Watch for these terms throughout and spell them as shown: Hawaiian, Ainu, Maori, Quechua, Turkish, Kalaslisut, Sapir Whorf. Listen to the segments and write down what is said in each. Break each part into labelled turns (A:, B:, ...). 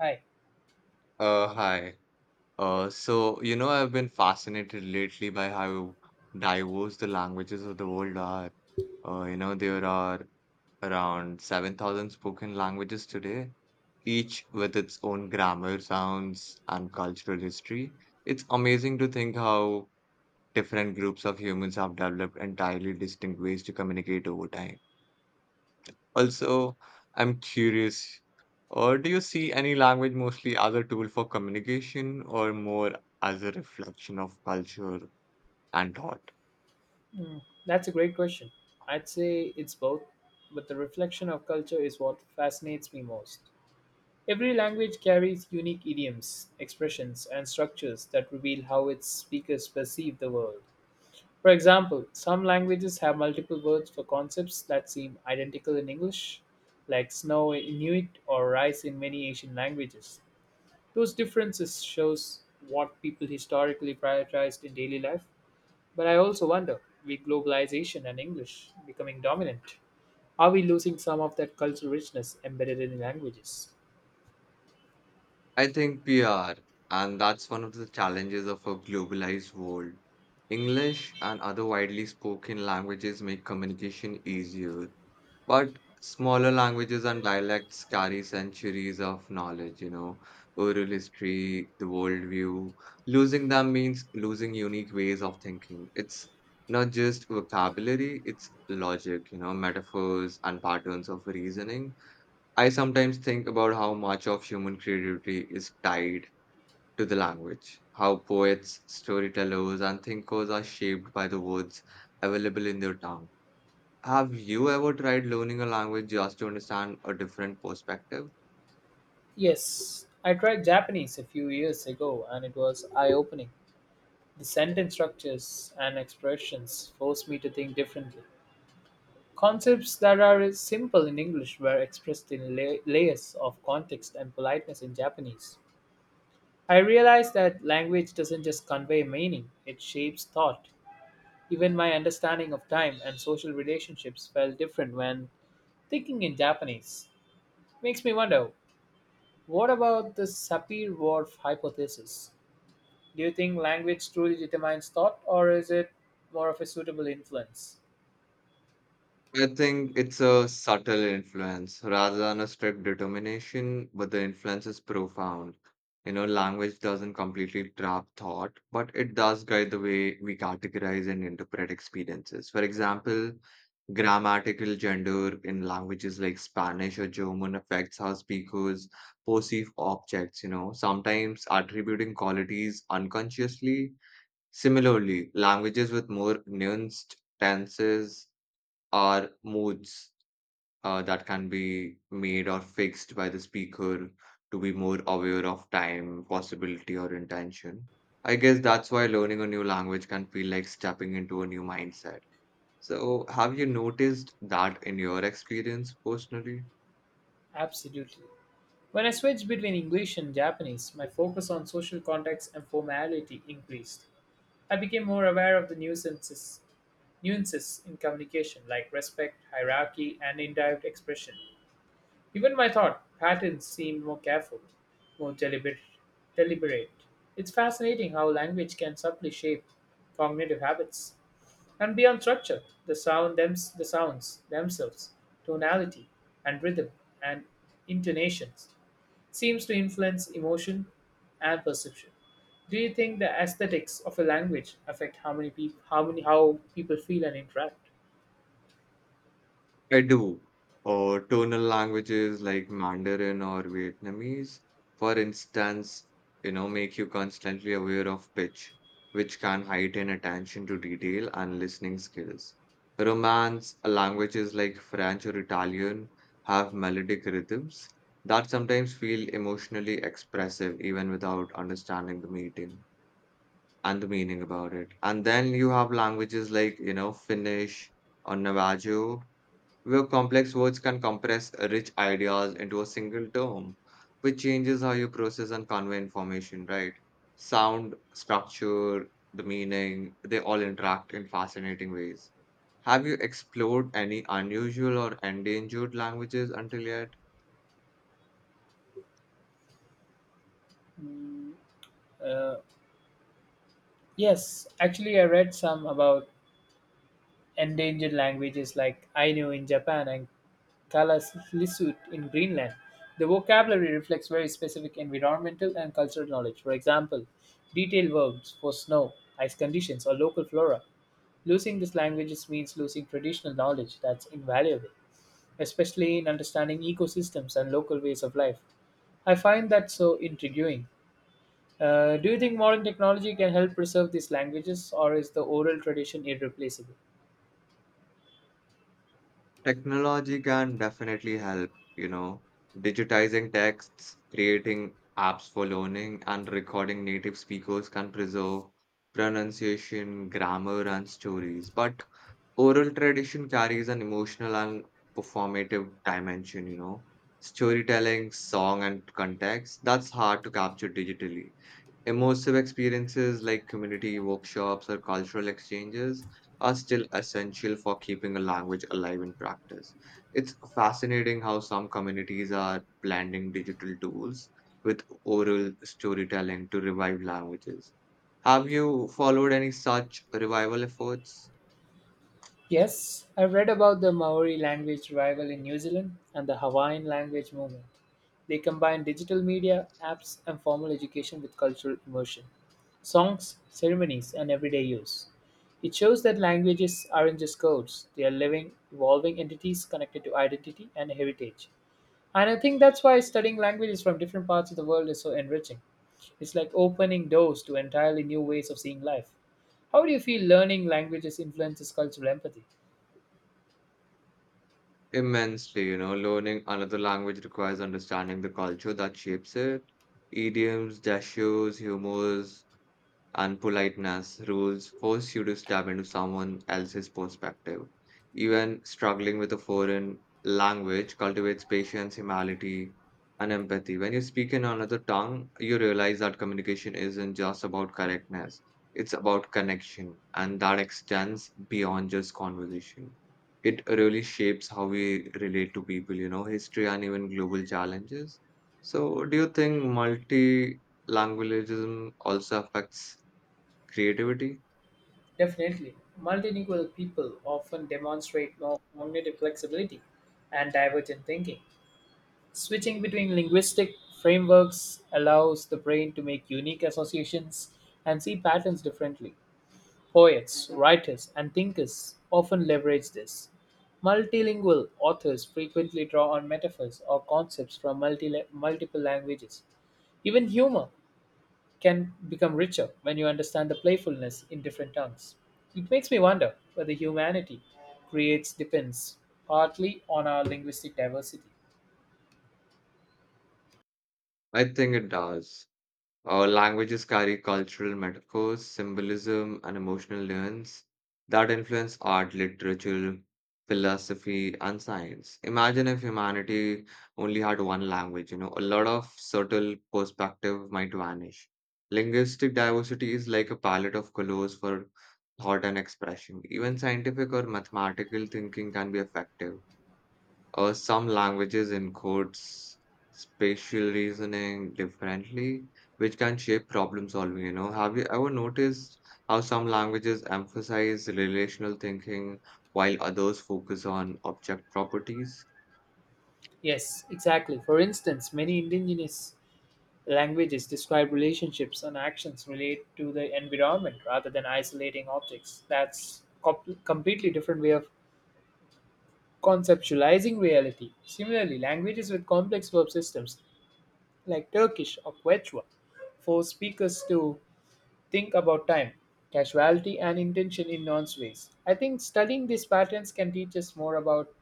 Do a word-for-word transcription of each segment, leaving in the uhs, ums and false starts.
A: Hi.
B: Uh, hi.
A: Yeah,
B: Uh, so, you know, I've been fascinated lately by how diverse the languages of the world are. Uh, you know, there are around seven thousand spoken languages today, each with its own grammar, sounds, and cultural history. It's amazing to think how different groups of humans have developed entirely distinct ways to communicate over time. Also, I'm curious, or do you see any language mostly as a tool for communication or more as a reflection of culture and thought?
A: that's a great question. I'd say it's both, but the reflection of culture is what fascinates me most. Every language carries unique idioms, expressions, and structures that reveal how its speakers perceive the world. For example, some languages have multiple words for concepts that seem identical in English, like snow in Inuit or rice in many Asian languages. Those differences shows what people historically prioritized in daily life. But I also wonder, with globalization and English becoming dominant, are we losing some of that cultural richness embedded in languages?
B: I think we are, and that's one of the challenges of a globalized world. English and other widely spoken languages make communication easier, but smaller languages and dialects carry centuries of knowledge, you know, oral history, the worldview. Losing them means losing unique ways of thinking. It's not just vocabulary, it's logic, you know, metaphors and patterns of reasoning. I sometimes think about how much of human creativity is tied to the language, how poets, storytellers, and thinkers are shaped by the words available in their tongue. Have you ever tried learning a language just to understand a different perspective?
A: Yes, I tried Japanese a few years ago and it was eye opening. The sentence structures and expressions forced me to think differently. Concepts that are simple in English were expressed in la- layers of context and politeness in Japanese. I realized that language doesn't just convey meaning, it shapes thought. Even my understanding of time and social relationships felt different when thinking in Japanese. Makes me wonder, what about the Sapir Whorf hypothesis? Do you think language truly determines thought, or is it more of a suitable influence?
B: I think it's a subtle influence rather than a strict determination, but the influence is profound. You know, language doesn't completely trap thought, but it does guide the way we categorize and interpret experiences. For example, grammatical gender in languages like Spanish or German affects how speakers perceive objects, you know, sometimes attributing qualities unconsciously. Similarly, languages with more nuanced tenses are moods uh, that can be made or fixed by the speaker to be more aware of time, possibility, or intention. I guess that's why learning a new language can feel like stepping into a new mindset. So, have you noticed that in your experience personally?
A: Absolutely. When I switched between English and Japanese, my focus on social context and formality increased. I became more aware of the nuances, nuances in communication, like respect, hierarchy, and indirect expression. Even my thought patterns seem more careful, more deliberate. deliberate. It's fascinating how language can subtly shape cognitive habits. And beyond structure, the sound thems- the sounds themselves, tonality and rhythm and intonations seems to influence emotion and perception. Do you think the aesthetics of a language affect how many people how many how people feel and interact?
B: I do. Or tonal languages like Mandarin or Vietnamese, for instance, you know, make you constantly aware of pitch, which can heighten attention to detail and listening skills. Romance uh, languages like French or Italian have melodic rhythms that sometimes feel emotionally expressive even without understanding the meaning and the meaning about it. And then you have languages like, you know, Finnish or Navajo where complex words can compress rich ideas into a single term, which changes how you process and convey information, right? Sound, structure, the meaning, they all interact in fascinating ways. Have you explored any unusual or endangered languages until yet?
A: Uh, yes, actually, I read some about endangered languages like Ainu in Japan and Kalaslisut in Greenland. The vocabulary reflects very specific environmental and cultural knowledge. For example, detailed verbs for snow, ice conditions, or local flora. Losing these languages means losing traditional knowledge that's invaluable, especially in understanding ecosystems and local ways of life. I find that so intriguing. Uh, do you think modern technology can help preserve these languages, or is the oral tradition irreplaceable?
B: Technology can definitely help, you know, digitizing texts, creating apps for learning, and recording native speakers can preserve pronunciation, grammar, and stories. But oral tradition carries an emotional and performative dimension, you know, storytelling, song, and context that's hard to capture digitally. Immersive experiences like community workshops or cultural exchanges are still essential for keeping a language alive in practice. It's fascinating how some communities are blending digital tools with oral storytelling to revive languages. Have you followed any such revival efforts?
A: Yes, I read about the Maori language revival in New Zealand and the Hawaiian language movement. They combine digital media, apps, and formal education with cultural immersion, songs, ceremonies, and everyday use. It shows that languages aren't just codes, they are living, evolving entities connected to identity and heritage. And I think that's why studying languages from different parts of the world is so enriching. It's like opening doors to entirely new ways of seeing life. How do you feel learning languages influences cultural empathy?
B: Immensely, you know, learning another language requires understanding the culture that shapes it. Idioms, dashes, humors, unpoliteness rules force you to step into someone else's perspective. Even struggling with a foreign language cultivates patience, humility, and empathy. When you speak in another tongue, you realize that communication isn't just about correctness, it's about connection, and that extends beyond just conversation. It really shapes how we relate to people, you know, history and even global challenges. So, do you think multilingualism also affects? Creativity?
A: Definitely. Multilingual people often demonstrate more cognitive flexibility and divergent thinking. Switching between linguistic frameworks allows the brain to make unique associations and see patterns differently. Poets, writers, and thinkers often leverage this. Multilingual authors frequently draw on metaphors or concepts from multi- multiple languages. Even humor can become richer when you understand the playfulness in different tongues. It makes me wonder whether humanity creates depends partly on our linguistic diversity.
B: I think it does. Our languages carry cultural metaphors, symbolism, and emotional nuance that influence art, literature, philosophy, and science. Imagine if humanity only had one language, you know, a lot of subtle perspective might vanish. Linguistic diversity is like a palette of colors for thought and expression. Even scientific or mathematical thinking can be effective. Uh, some languages encodes spatial reasoning differently, which can shape problem solving, you know. Have you ever noticed how some languages emphasize relational thinking while others focus on object properties?
A: Yes, exactly. For instance, many indigenous languages describe relationships and actions relate to the environment rather than isolating objects. That's com- completely different way of conceptualizing reality. Similarly, languages with complex verb systems like Turkish or Quechua force speakers to think about time, casuality, and intention in nuanced ways. I think studying these patterns can teach us more about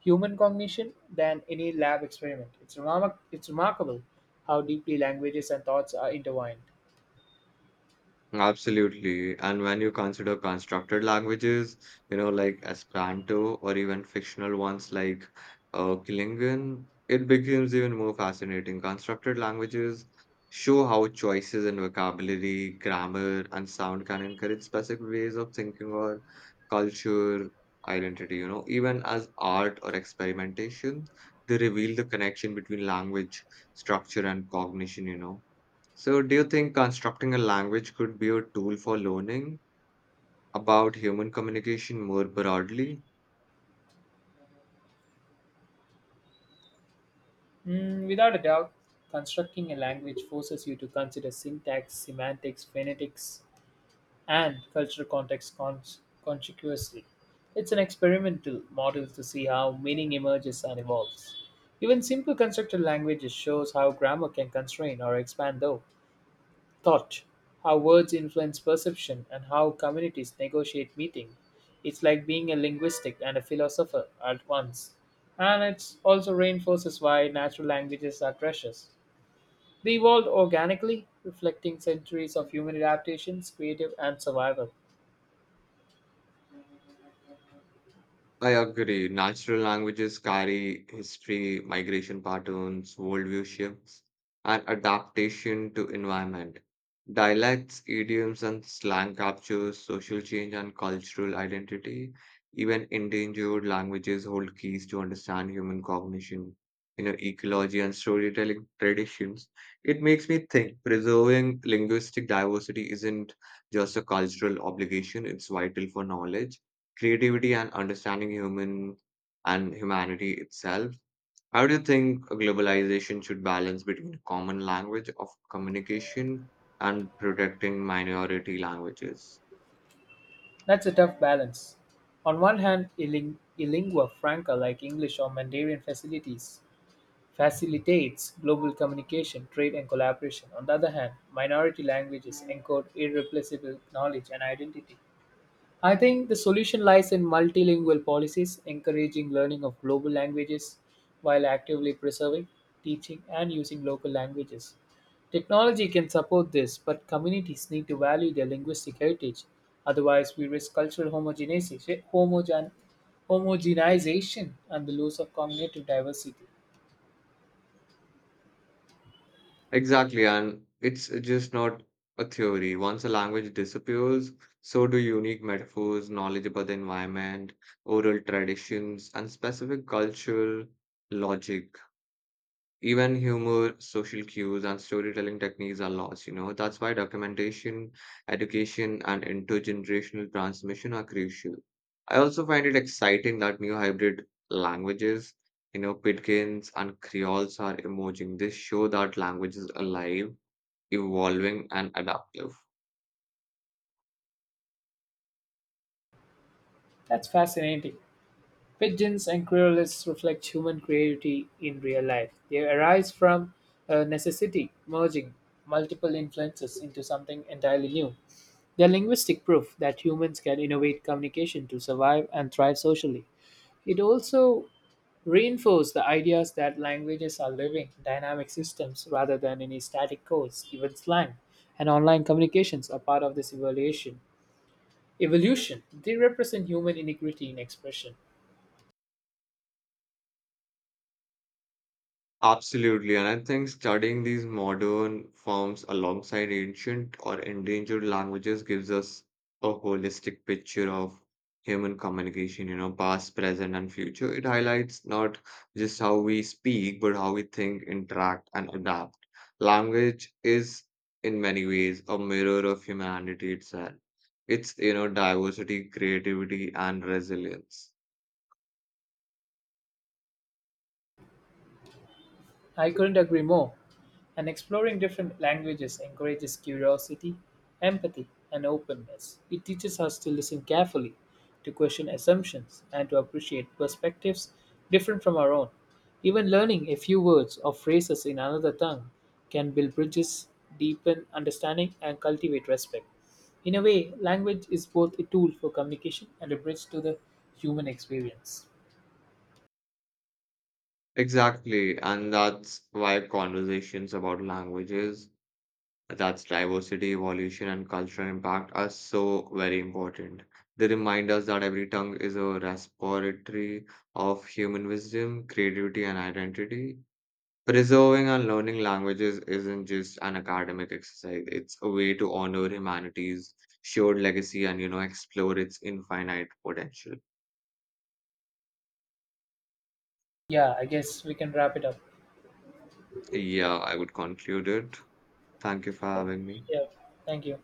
A: human cognition than any lab experiment. It's, remar- it's remarkable how deeply languages and thoughts are intertwined.
B: Absolutely. And when you consider constructed languages, you know, like Esperanto or even fictional ones like uh, Klingon, it becomes even more fascinating. Constructed languages show how choices in vocabulary, grammar, and sound can encourage specific ways of thinking or culture, identity, you know, even as art or experimentation, they reveal the connection between language, structure, and cognition, you know. So, do you think constructing a language could be a tool for learning about human communication more broadly?
A: Mm, without a doubt, constructing a language forces you to consider syntax, semantics, phonetics, and cultural context cons- consequently. It's an experimental model to see how meaning emerges and evolves. Even simple constructed languages shows how grammar can constrain or expand though. thought, how words influence perception, and how communities negotiate meaning. It's like being a linguistic and a philosopher at once. And it also reinforces why natural languages are precious. They evolved organically, reflecting centuries of human adaptations, creative, and survival.
B: I agree. Natural languages carry history, migration patterns, worldview shifts, and adaptation to environment. Dialects, idioms, and slang captures social change and cultural identity. Even endangered languages hold keys to understand human cognition, you know, ecology and storytelling traditions. It makes me think preserving linguistic diversity isn't just a cultural obligation, it's vital for knowledge creativity and understanding human and humanity itself. How do you think globalization should balance between common language of communication and protecting minority languages?
A: That's a tough balance. On one hand, a, ling- a lingua franca like English or Mandarin facilities facilitates global communication, trade, and collaboration. On the other hand, minority languages encode irreplaceable knowledge and identity. I think the solution lies in multilingual policies, encouraging learning of global languages while actively preserving, teaching, and using local languages. Technology can support this, but communities need to value their linguistic heritage. Otherwise, we risk cultural homogenization, homogen, homogenization and the loss of cognitive diversity.
B: Exactly, and it's just not a theory. Once a language disappears, so do unique metaphors, knowledge about the environment, oral traditions, and specific cultural logic. Even humor, social cues, and storytelling techniques are lost, you know. That's why documentation, education, and intergenerational transmission are crucial. I also find it exciting that new hybrid languages, you know, Pidgins and Creoles are emerging. They show that language is alive, evolving, and adaptive.
A: That's fascinating. Pigeons and querulets reflect human creativity in real life. They arise from a necessity, merging multiple influences into something entirely new. They are linguistic proof that humans can innovate communication to survive and thrive socially. It also reinforces the ideas that languages are living, dynamic systems rather than any static codes, even slang. And online communications are part of this evaluation. Evolution, they represent human inequity in expression.
B: Absolutely, and I think studying these modern forms alongside ancient or endangered languages gives us a holistic picture of human communication, you know, past, present, and future. It highlights not just how we speak, but how we think, interact, and adapt. Language is, in many ways, a mirror of humanity itself. It's, you know, diversity, creativity, and resilience.
A: I couldn't agree more. And exploring different languages encourages curiosity, empathy, and openness. It teaches us to listen carefully, to question assumptions, and to appreciate perspectives different from our own. Even learning a few words or phrases in another tongue can build bridges, deepen understanding, and cultivate respect. In a way, language is both a tool for communication and a bridge to the human experience.
B: Exactly, and that's why conversations about languages that's diversity, evolution, and cultural impact are so very important. They remind us that every tongue is a repository of human wisdom, creativity, and identity. Preserving and learning languages isn't just an academic exercise, it's a way to honor humanity's shared legacy and, you know, explore its infinite potential.
A: Yeah, I guess we can wrap it up.
B: Yeah, I would conclude it. Thank you for having me.
A: Yeah, thank you.